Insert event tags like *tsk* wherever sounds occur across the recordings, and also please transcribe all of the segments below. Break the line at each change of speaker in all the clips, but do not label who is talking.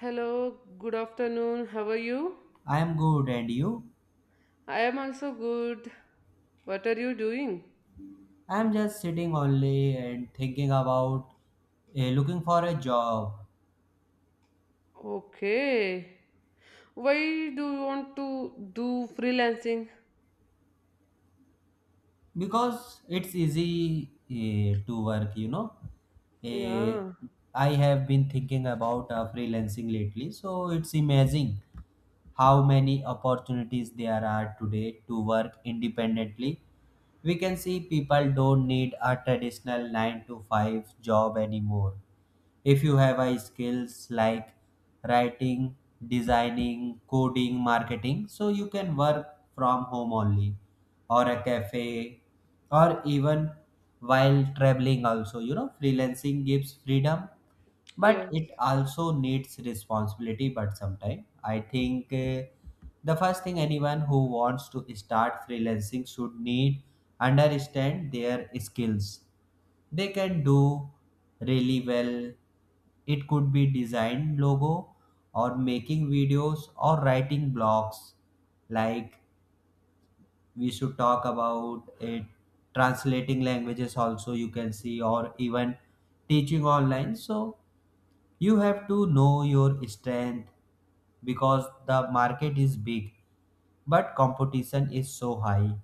Hello, good afternoon. How are you?
I'm good, and you?
I am also good. What are you doing?
I'm just sitting only and thinking about looking for a job
Okay. Why do you want to do freelancing?
because it's easy to work, you know. Eh,
Yeah,
I have been thinking about freelancing lately, so it's amazing how many opportunities there are today to work independently. We can see people don't need a traditional 9 to 5 job anymore if you have a skills like writing, designing, coding, marketing, so you can work from home only, or a cafe, or even while traveling also, you know, freelancing gives freedom, but
yes.
it also needs responsibility. But sometime I think, the first thing anyone who wants to start freelancing should need understand their skills they can do really well. It could be design logo, or making videos, or writing blogs, like, we should talk about it. Translating languages also you can see, or even teaching online. So you have to know your strength, because the market is big but competition is so high.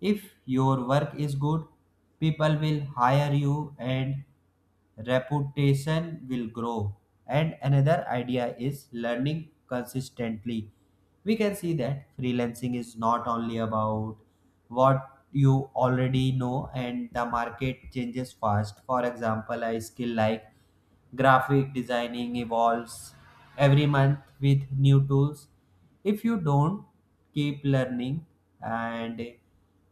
If your work is good, people will hire you and reputation will grow. And another idea is learning consistently. We can see that freelancing is not only about what you already know, and the market changes fast. For example, a skill like graphic designing evolves every month with new tools. If you don't keep learning, and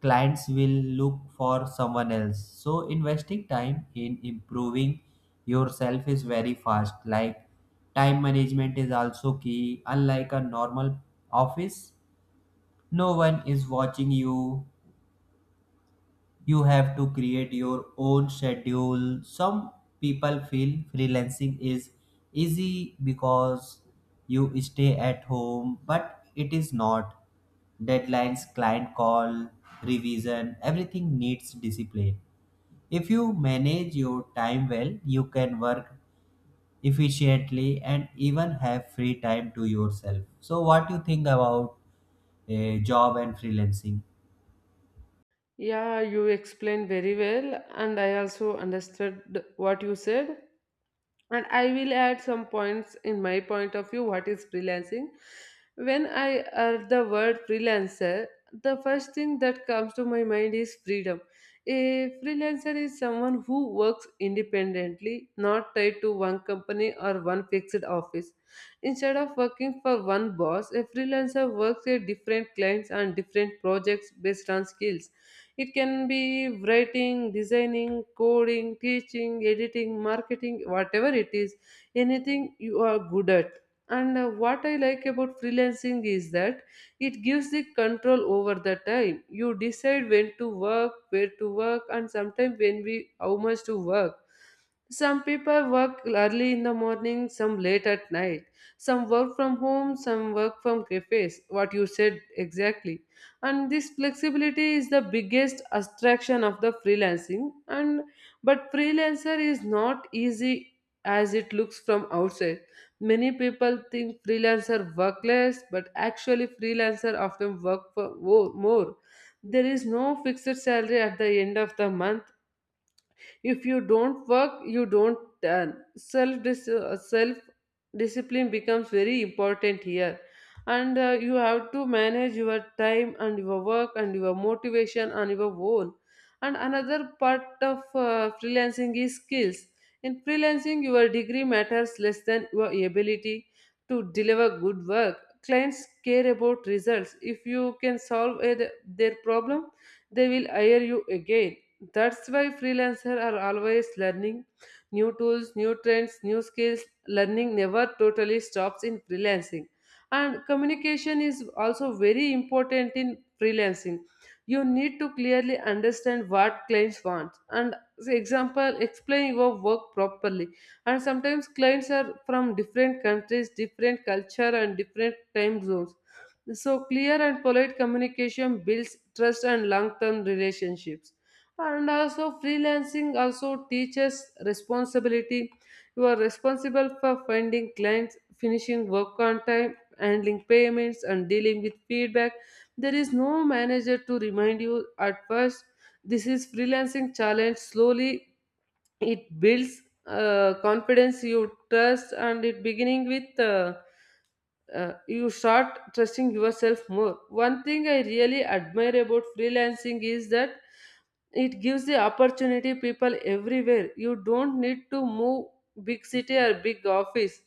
clients will look for someone else. So, investing time in improving yourself is very fast. Like, time management is also key. Unlike a normal office, no one is watching you. You have to create your own schedule. Some people feel freelancing is easy because you stay at home, but it is not. Deadlines, client call, revision, everything needs discipline. If you manage your time well, you can work efficiently and even have free time to yourself. So what do you think about a job and freelancing?
Yeah, you explained very well, and I also understood what you said. And I will add some points in my point of view what is freelancing. When I heard the word freelancer, the first thing that comes to my mind is freedom. A freelancer is someone who works independently, not tied to one company or one fixed office. Instead of working for one boss, a freelancer works with different clients and different projects based on skills, it can be writing, designing, coding, teaching, editing, marketing, whatever it is, anything you are good at. And what I like about freelancing is that it gives the control over the time. You decide when to work, where to work, and sometimes when we how much to work. Some people work early in the morning, some late at night. Some work from home, some work from cafes. What you said exactly, and this flexibility is the biggest attraction of the freelancing. And but freelancer is not easy as it looks from outside. Many people think freelancer work less, but actually freelancer often work for more. There is no fixed salary at the end of the month. If you don't work, you don't earn. Self discipline becomes very important here, and you have to manage your time and your work and your motivation and your own. And another part of freelancing is skills. In freelancing, your degree matters less than your ability to deliver good work. Clients care about results. If you can their problem, they will hire you again. That's why freelancers are always learning new tools, new trends, new skills. Learning never totally stops in freelancing. And communication is also very important in freelancing. You need to clearly understand what clients want and, say example, explain your work properly. And sometimes clients are from different countries, different culture, and different time zones, so clear and polite communication builds trust and long-term relationships. And also freelancing also teaches responsibility. You are responsible for finding clients, finishing work on time, handling payments and dealing with feedback. There is no manager to remind you at first. This is freelancing challenge. Slowly it builds confidence you trust, and it beginning with you start trusting yourself more. One thing I really admire about freelancing is that it gives the opportunity people everywhere. You don't need to move big city or big office.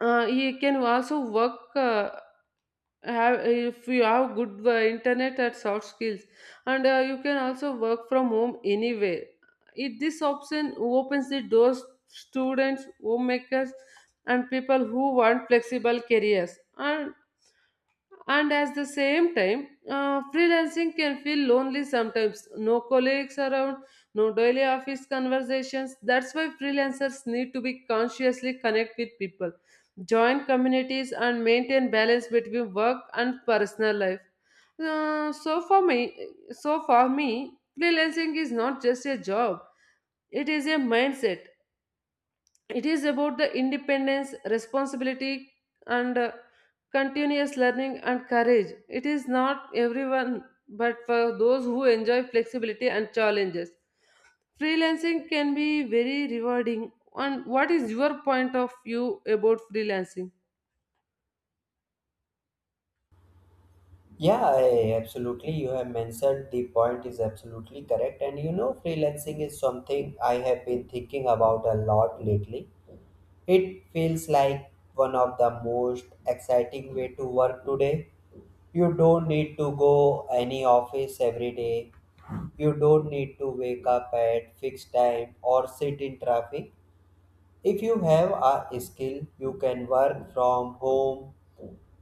You can also work have if you have good internet and soft skills, and you can also work from home anywhere. It this option opens the doors students, homemakers, and people who want flexible careers. And at the same time, freelancing can feel lonely sometimes. No colleagues around, no daily office conversations. That's why freelancers need to be consciously connect with people, join communities, and maintain balance between work and personal life. So for me, freelancing is not just a job; it is a mindset. It is about the independence responsibility and continuous learning and courage. It is not everyone, but for those who enjoy flexibility and challenges, freelancing can be very rewarding. And what is your point of view about freelancing?
Yeah, I- absolutely. You have mentioned the point is absolutely correct. And you know, freelancing is something I have been thinking about a lot lately. It feels like one of the most exciting way to work today. You don't need to go any office every day. You don't need to wake up at fixed time or sit in traffic. If you have a skill, you can work from home,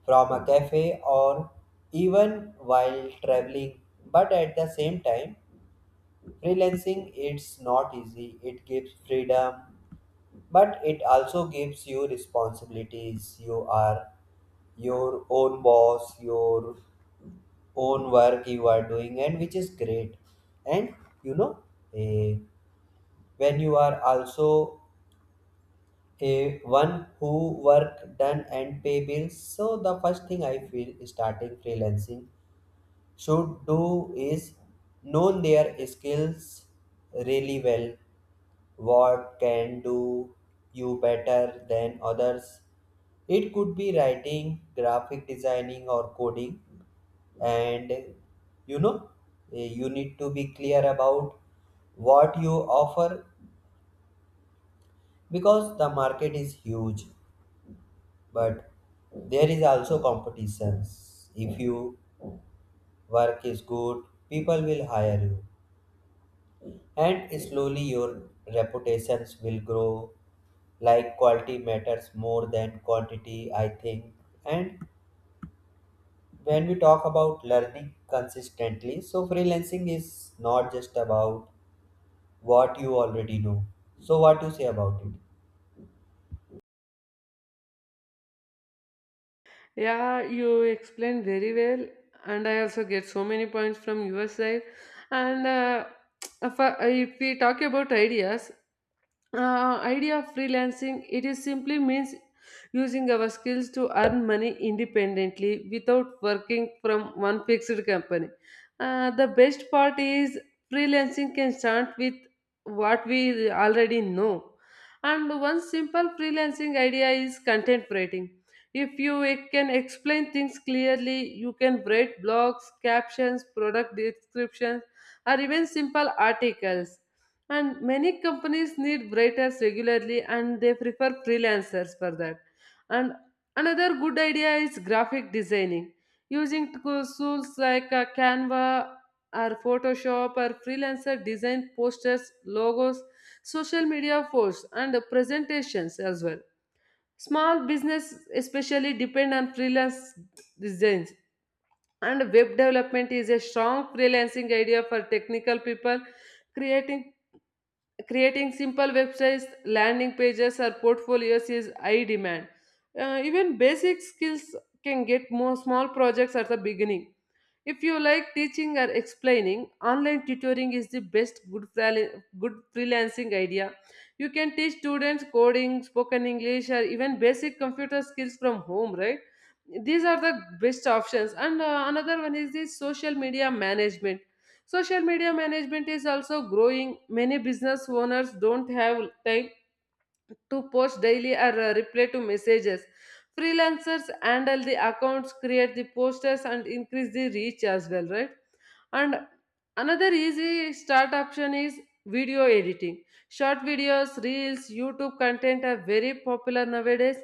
from a cafe, or even while traveling. But at the same time, freelancing it's not easy. It gives freedom, but it also gives you responsibilities. You are your own boss, your own work you are doing, and which is great. And you know, eh, when you are also a one who work done and pay bills, so the first thing I feel starting freelancing should do is know their skills really well. What can do you better than others? It could be writing, graphic designing, or coding. And you know, you need to be clear about what you offer, because the market is huge, but there is also competitions. If you work is good, people will hire you, and slowly your reputations will grow. Like, quality matters more than quantity, I think. And when we talk about learning consistently, so freelancing is not just about what you already know. So, what you say about it?
Yeah, you explained very well, and I also get so many points from your side. And *tsk* if we talk about ideas, idea of freelancing it is simply means using our skills to earn money independently without working from one fixed company. The best part is freelancing can start with what we already know, and one simple freelancing idea is content writing. If you e- can explain things clearly, you can write blogs, captions, product descriptions, or even simple articles. And many companies need writers regularly and they prefer freelancers for that. And another good idea is graphic designing. Using tools like Canva or Photoshop or freelancer design posters, logos, social media posts, and presentations as well. Small business especially depend on freelance designs. And web development is a strong freelancing idea for technical people. Creating creating simple websites landing pages or portfolios is high demand. Even basic skills can get more small projects at the beginning. If you like teaching or explaining, online tutoring is the good freelancing idea. You can teach students coding, spoken English, or even basic computer skills from home, right? These are the best options. And another one is the social media management. Social media management is also growing. Many business owners don't have time to post daily or reply to messages. Freelancers handle the accounts, create the posters, and increase the reach as well, right? And another easy start option is video editing. Short videos, reels, YouTube content are very popular nowadays.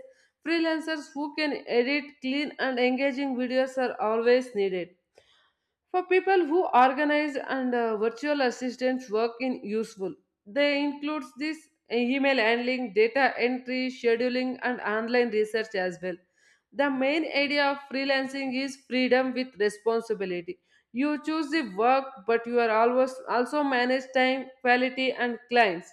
Freelancers who can edit clean and engaging videos are always needed. For people who organize and virtual assistants work in useful, they includes this email handling, data entry, scheduling, and online research as well. The main idea of freelancing is freedom with responsibility. You choose the work, but you are always also manage time, quality, and clients.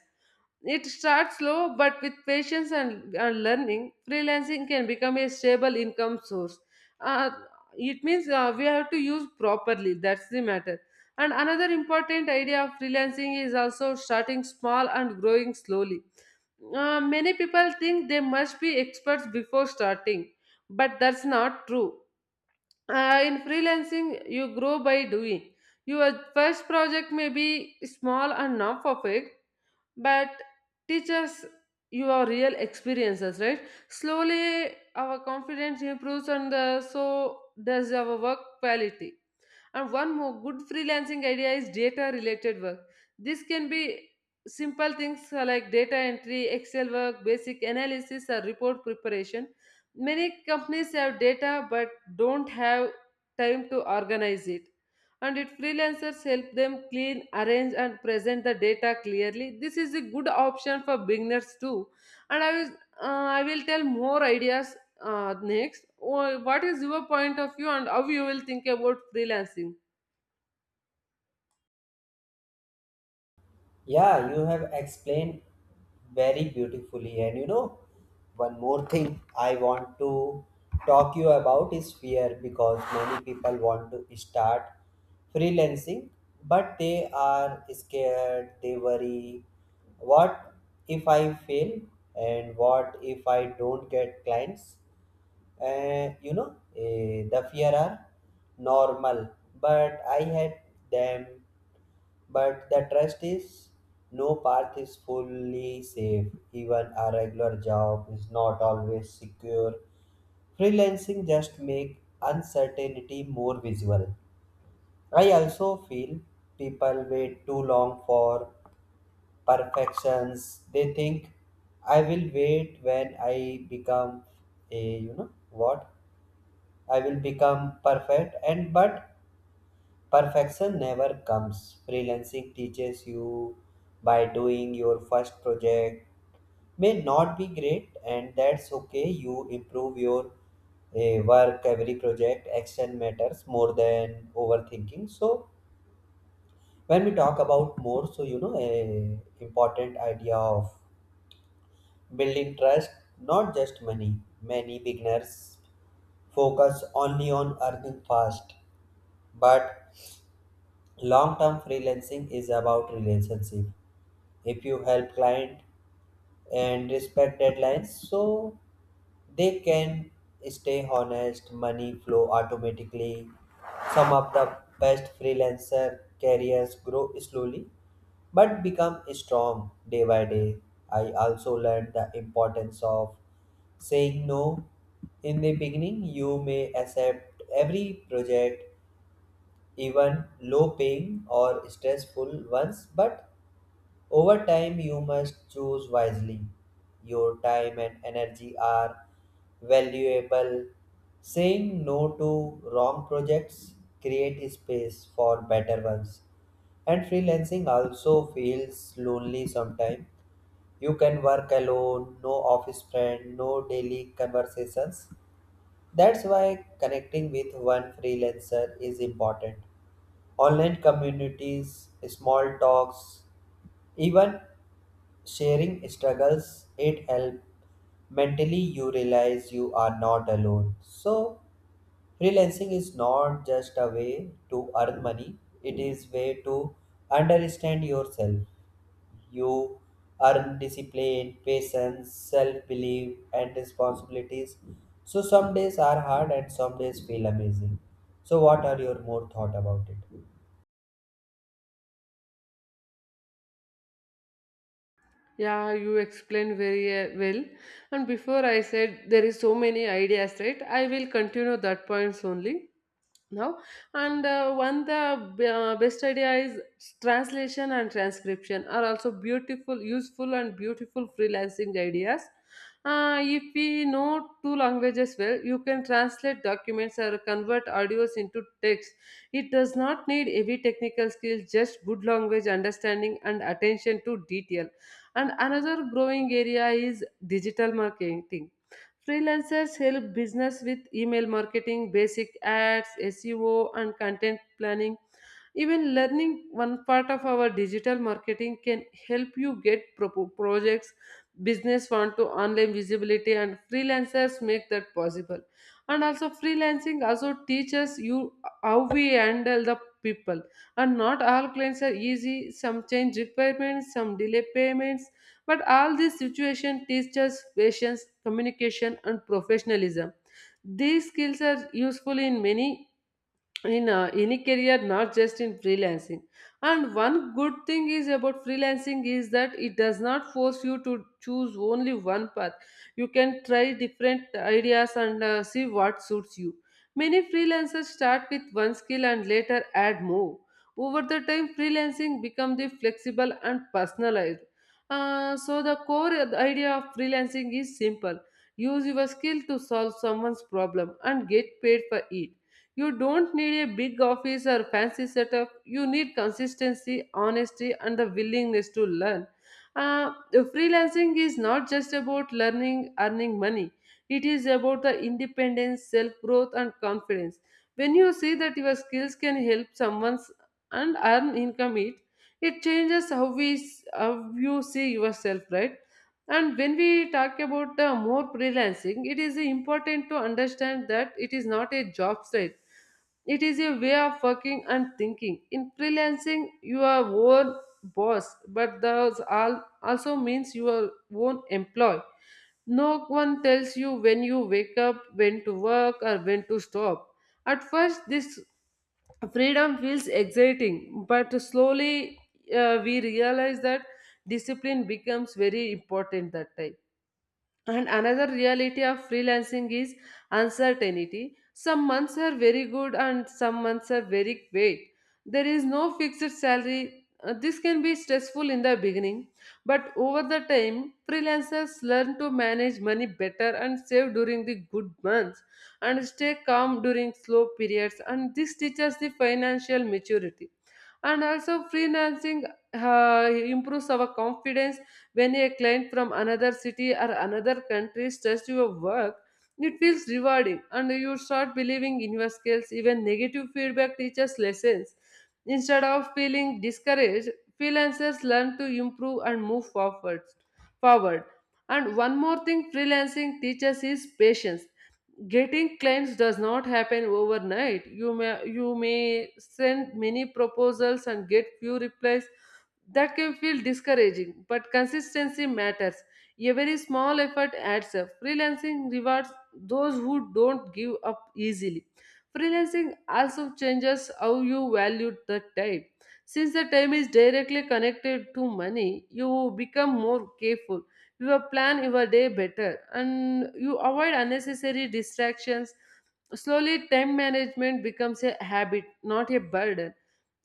It starts slow, but with patience and learning, freelancing can become a stable income source. Uh, it means we have to use properly, that's the matter. And another important idea of freelancing is also starting small and growing slowly. Many people think they must be experts before starting, but that's not true. In freelancing, you grow by doing. Your first project may be small and not perfect, but teach us your real experiences right. Slowly our confidence improves, and so does our work quality. And one more good freelancing idea is data related work. This can be simple things like data entry, Excel work, basic analysis, or report preparation. Many companies have data but don't have time to organize it. And it freelancers help them clean, arrange, and present the data clearly. This is a good option for beginners too. And I will, I will tell more ideas what is your point of view and how you will think about freelancing?
Yeah, you have explained very beautifully. And you know, one more thing I want to talk you about is fear, because many people want to start freelancing, but they are scared, they worry. What if I fail? And what if I don't get clients? You know, the fear are normal, but I had them. But the trust is, no path is fully safe. Even a regular job is not always secure. Freelancing just make uncertainty more visible. I also feel people wait too long for perfections. They think, I will wait when I become a, you know what? I will become perfect. And but perfection never comes. Freelancing teaches you by doing. Your first project may not be great, and that's okay. You improve your work every project. Action matters more than overthinking. So when we talk about more, so you know, a important idea of building trust, not just money. Many beginners focus only on earning fast, but long-term freelancing is about relationship. If you help client and respect deadlines, so they can stay honest, money flow automatically. Some of the best freelancer careers grow slowly but become strong day by day. I also learned the importance of saying no. In the beginning, you may accept every project, even low paying or stressful ones, but over time you must choose wisely. Your time and energy are valuable. Saying no to wrong projects create space for better ones. And freelancing also feels lonely sometimes. You can work alone, no office friend, no daily conversations. That's why connecting with one freelancer is important. Online communities, small talks, even sharing struggles, it helps. Mentally, you realize you are not alone. So, freelancing is not just a way to earn money, it is way to understand yourself. You earn discipline, patience, self belief, and responsibilities. So, some days are hard and some days feel amazing. So, what are your more thought about it?
Yeah, you explained very well, and before I said there is so many ideas, right? I will continue that points only now. And one the Best idea is translation and transcription are also beautiful useful and beautiful freelancing ideas. If we know two languages well, you can translate documents or convert audios into text. It does not need heavy technical skills, just good language understanding and attention to detail. And another growing area is digital marketing. Freelancers help business with email marketing, basic ads, SEO, and content planning. Even learning one part of our digital marketing can help you get projects, business want to online visibility, and freelancers make that possible. And also, freelancing also teaches you how we handle the people. And not all clients are easy. Some change requirements, some delay payments. But all these situation teaches patience, communication, and professionalism. These skills are useful in many in any career not just in freelancing. And one good thing is about freelancing is that it does not force you to choose only one path. You can try different ideas and see what suits you. Many freelancers start with one skill and later add more. Over the time freelancing becomes the flexible and personalized. So the core idea of freelancing is simple, use your skill to solve someone's problem and get paid for it. You don't need a big office or fancy setup. You need consistency, honesty, and the willingness to learn. Uh, Freelancing is not just about learning, earning money. It is about the independence, self growth, and confidence. When you see that your skills can help someone's and earn income, it changes how we how you see yourself, right? And when we talk about the more freelancing, it is important to understand that it is not a job site. It is a way of working and thinking. In freelancing, you are own boss, but that also means you are own employee. No one tells you when you wake up, when to work, or when to stop. At first, this freedom feels exciting, but slowly we realize that discipline becomes very important that time. And another reality of freelancing is uncertainty. Some months are very good and some months are very bad. There is no fixed salary. This can be stressful in the beginning, but over the time, freelancers learn to manage money better and save during the good months and stay calm during slow periods. And this teaches the financial maturity. And also, freelancing improves our confidence when a client from another city or another country trusts your work, it feels rewarding and you start believing in your skills. Even negative feedback teaches lessons. Instead of feeling discouraged, freelancers learn to improve and move forward. And one more thing freelancing teaches is patience. Getting clients does not happen overnight. You may send many proposals and get few replies that can feel discouraging, but consistency matters. A very small effort adds up. Freelancing rewards those who don't give up easily. Freelancing also changes how you value the time. Since the time is directly connected to money, you become more careful. You plan your day better and you avoid unnecessary distractions. Slowly, time management becomes a habit, not a burden.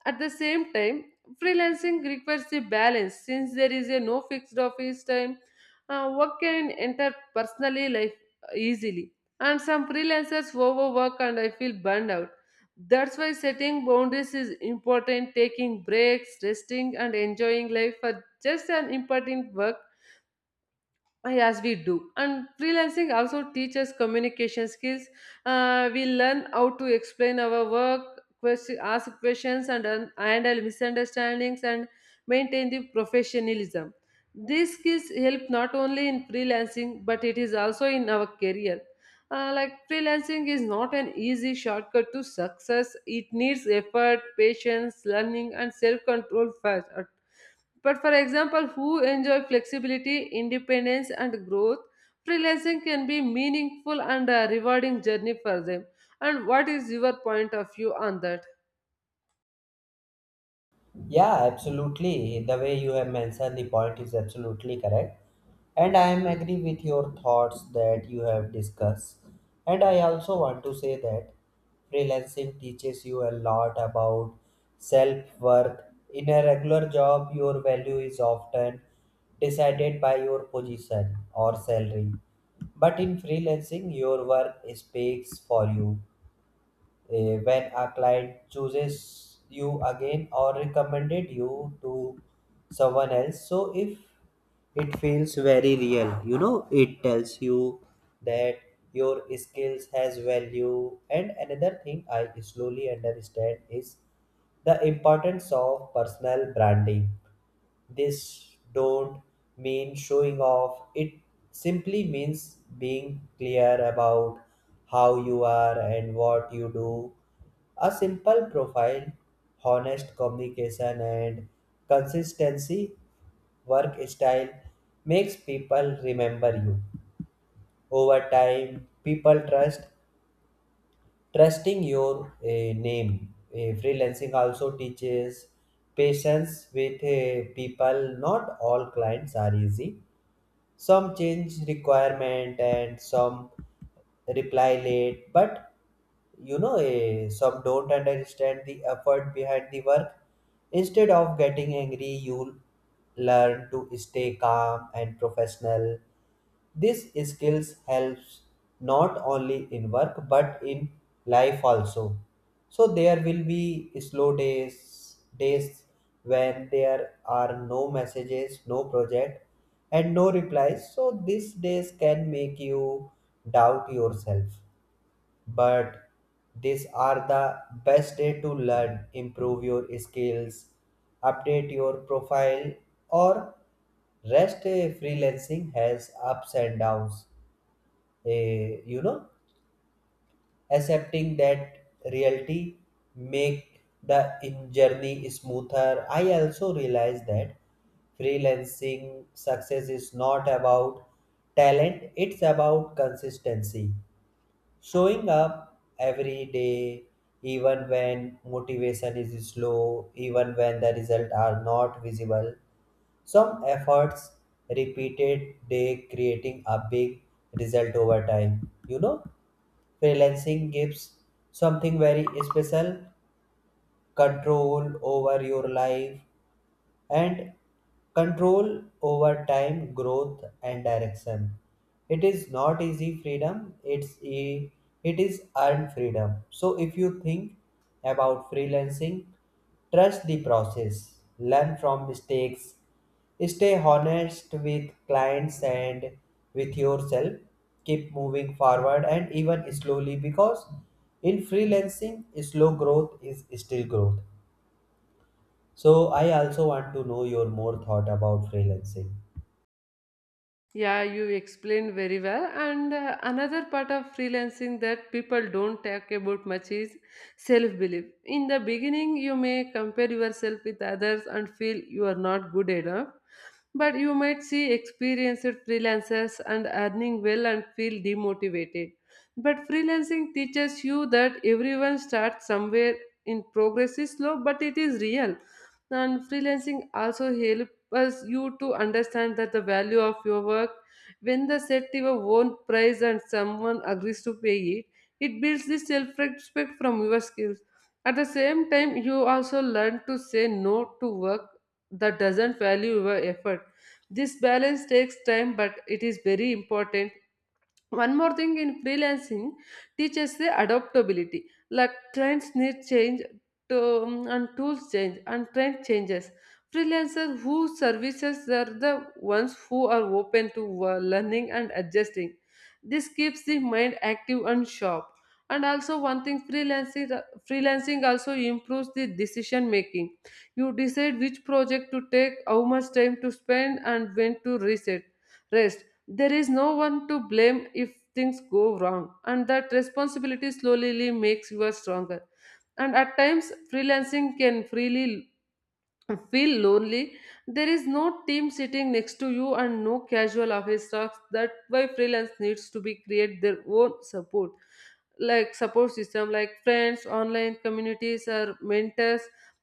At the same time, freelancing requires a balance since there is a no fixed office time. Work can enter personally life easily, and some freelancers overwork and I feel burned out. That's why setting boundaries is important. Taking breaks, resting, and enjoying life are just as important work. Yes, we do. And freelancing also teaches communication skills. We learn how to explain our work, question, ask questions, and handle misunderstandings and maintain the professionalism. These skills help not only in freelancing but it is also in our career. Like freelancing is not an easy shortcut to success. It needs effort, patience, learning, and self-control first. But for example, who enjoy flexibility, independence, and growth, freelancing can be meaningful and a rewarding journey for them. And what is your point of view on that?
Yeah, absolutely. The way you have mentioned the point is absolutely correct. And I am agree with your thoughts that you have discussed. And I also want to say that freelancing teaches you a lot about self-worth. In a regular job, your value is often decided by your position or salary. But in freelancing, your work speaks for you. When a client chooses you again or recommended you to someone else, so if it feels very real, you know, it tells you that your skills has value. And another thing I slowly understand is the importance of personal branding. This don't mean showing off, it simply means being clear about how you are and what you do. A simple profile, honest communication, and consistency work style makes people remember you. Over time, people trusting your name. Freelancing also teaches patience with people. Not all clients are easy, some change requirement and some reply late. But you know, some don't understand the effort behind the work. Instead of getting angry, you'll learn to stay calm and professional. These skills helps not only in work but in life also. So there will be slow days, days when there are no messages, no project, and no replies. So these days can make you doubt yourself, but these are the best day to learn, improve your skills, update your profile, or rest. Freelancing has ups and downs. You know, accepting that reality make the in journey smoother. I also realized that freelancing success is not about talent, it's about consistency. Showing up every day, even when motivation is slow, even when the results are not visible. Some efforts repeated day creating a big result over time. You know, freelancing gives something very special, control over your life, and control over time, growth, and direction. It is not easy freedom, it is earned freedom. So if you think about freelancing, trust the process, learn from mistakes, stay honest with clients and with yourself, keep moving forward, and even slowly, because in freelancing, slow growth is still growth. So I also want to know your more thought about freelancing.
Yeah, you explained very well. And another part of freelancing that people don't talk about much is self belief. In the beginning, you may compare yourself with others and feel you are not good enough. But you might see experienced freelancers and earning well and feel demotivated. But freelancing teaches you that everyone starts somewhere in progress is slow, but it is real. And freelancing also helps us you to understand that the value of your work when the set your own price and someone agrees to pay it, it builds the self-respect from your skills. At the same time you also learn to say no to work that doesn't value your effort. This balance takes time but it is very important. One more thing in freelancing teaches the adaptability. Like trends need change to, and tools change and trend changes. Freelancers who services are the ones who are open to learning and adjusting. This keeps the mind active and sharp. And also one thing freelancing also improves the decision making. You decide which project to take, how much time to spend and when to reset rest There is no one to blame if things go wrong, and that responsibility slowly makes you stronger. And at times, freelancing can freely feel lonely. There is no team sitting next to you and no casual office talks. That's why freelance needs to be create their own support, like support system, like friends, online communities, or mentors.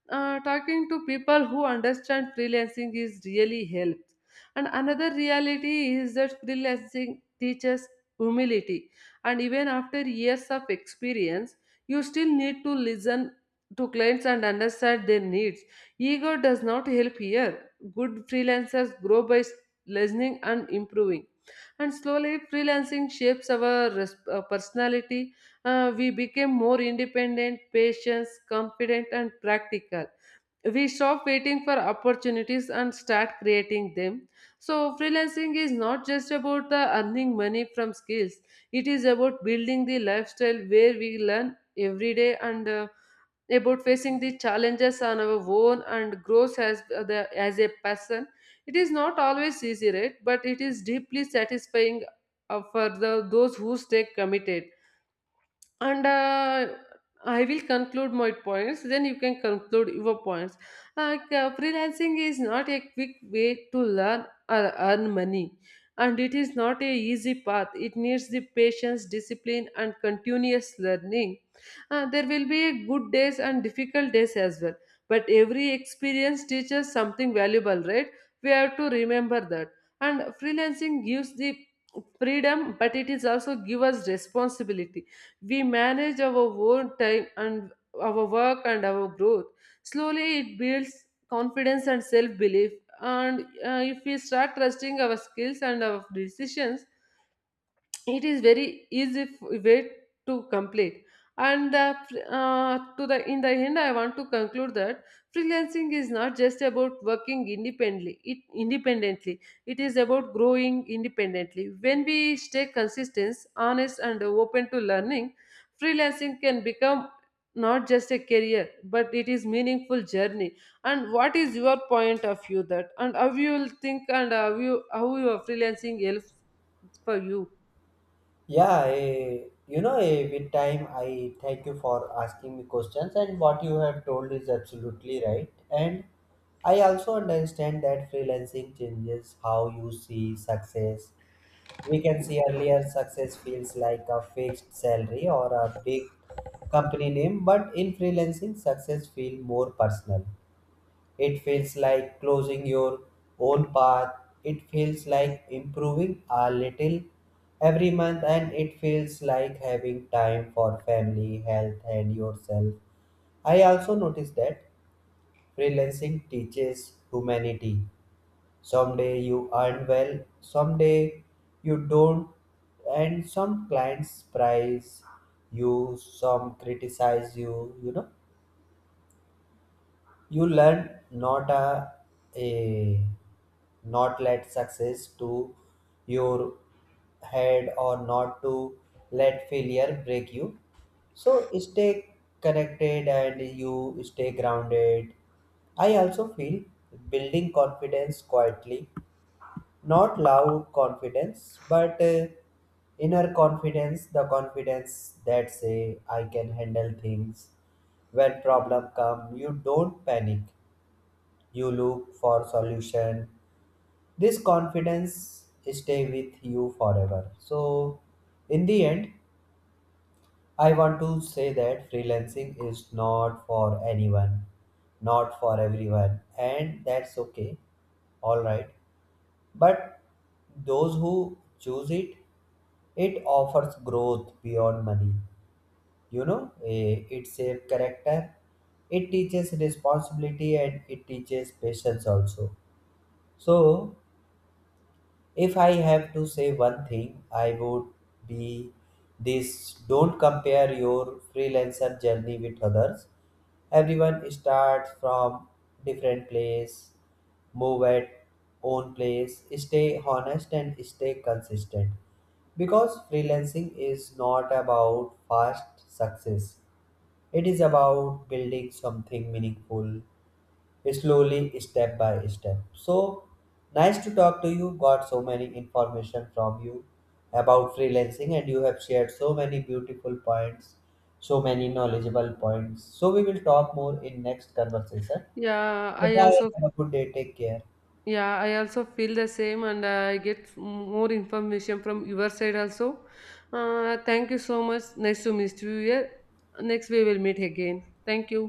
Talking to people who understand freelancing is really helps. And another reality is that freelancing teaches humility. And even after years of experience, you still need to listen to clients and understand their needs. Ego does not help here. Good freelancers grow by listening and improving. And slowly, freelancing shapes our personality. We became more independent, patient, confident, and practical. We stop waiting for opportunities and start creating them. So, freelancing is not just about the earning money from skills, it is about building the lifestyle where we learn every day and about facing the challenges on our own and growth as as a person. It is not always easy, right? But it is deeply satisfying for those who stay committed and I will conclude my points then you can conclude your points. Like freelancing is not a quick way to learn or earn money and it is not a easy path. It needs the patience discipline and continuous learning. There will be a good days and difficult days as well, but every experience teaches something valuable, right? We have to remember that. And freelancing gives the freedom but it is also give us responsibility. We manage our own time and our work and our growth. Slowly, it builds confidence and self belief. And if we start trusting our skills and our decisions, it is very easy way to complete and to the in the end I want to conclude that freelancing is not just about working independently. It is about growing independently. When we stay consistent honest and open to learning, freelancing can become not just a career but it is meaningful journey. And what is your point of view that and how you will think and how your freelancing helps for you?
Yeah, you know, with time, I thank you for asking me questions, and what you have told is absolutely right. And I also understand that freelancing changes how you see success. We can see earlier success feels like a fixed salary or a big company name, but in freelancing, success feels more personal. It feels like closing your own path. It feels like improving a little every month, and it feels like having time for family, health, and yourself. I also noticed that freelancing teaches humanity. Someday you earn well, someday you don't, and some clients prize you, some criticize you, you know. You learn not a, a not let success to your head or not to let failure break you. So stay connected and you stay grounded. I also feel building confidence quietly, not loud confidence, but inner confidence, the confidence that say I can handle things. When problem come, you don't panic, you look for solution. This confidence stay with you forever. So in the end, I want to say that freelancing is not for anyone, not for everyone, and that's okay, all right? But those who choose it, it offers growth beyond money. You know, it saves character, it teaches responsibility, and it teaches patience also. So if I have to say one thing, I would be this, don't compare your freelancer journey with others. Everyone starts from different place, move at own place, stay honest and stay consistent. Because freelancing is not about fast success. It is about building something meaningful slowly, step by step. So nice to talk to you, got so many information from you about freelancing, and you have shared so many beautiful points, so many knowledgeable points. So we will talk more in next conversation.
Yeah,
So
I
bye,
also
have a good day, take care.
yeah, I also feel the same, and I get more information from your side also. Thank you so much. Nice to meet you here. Next we will meet again. Thank you.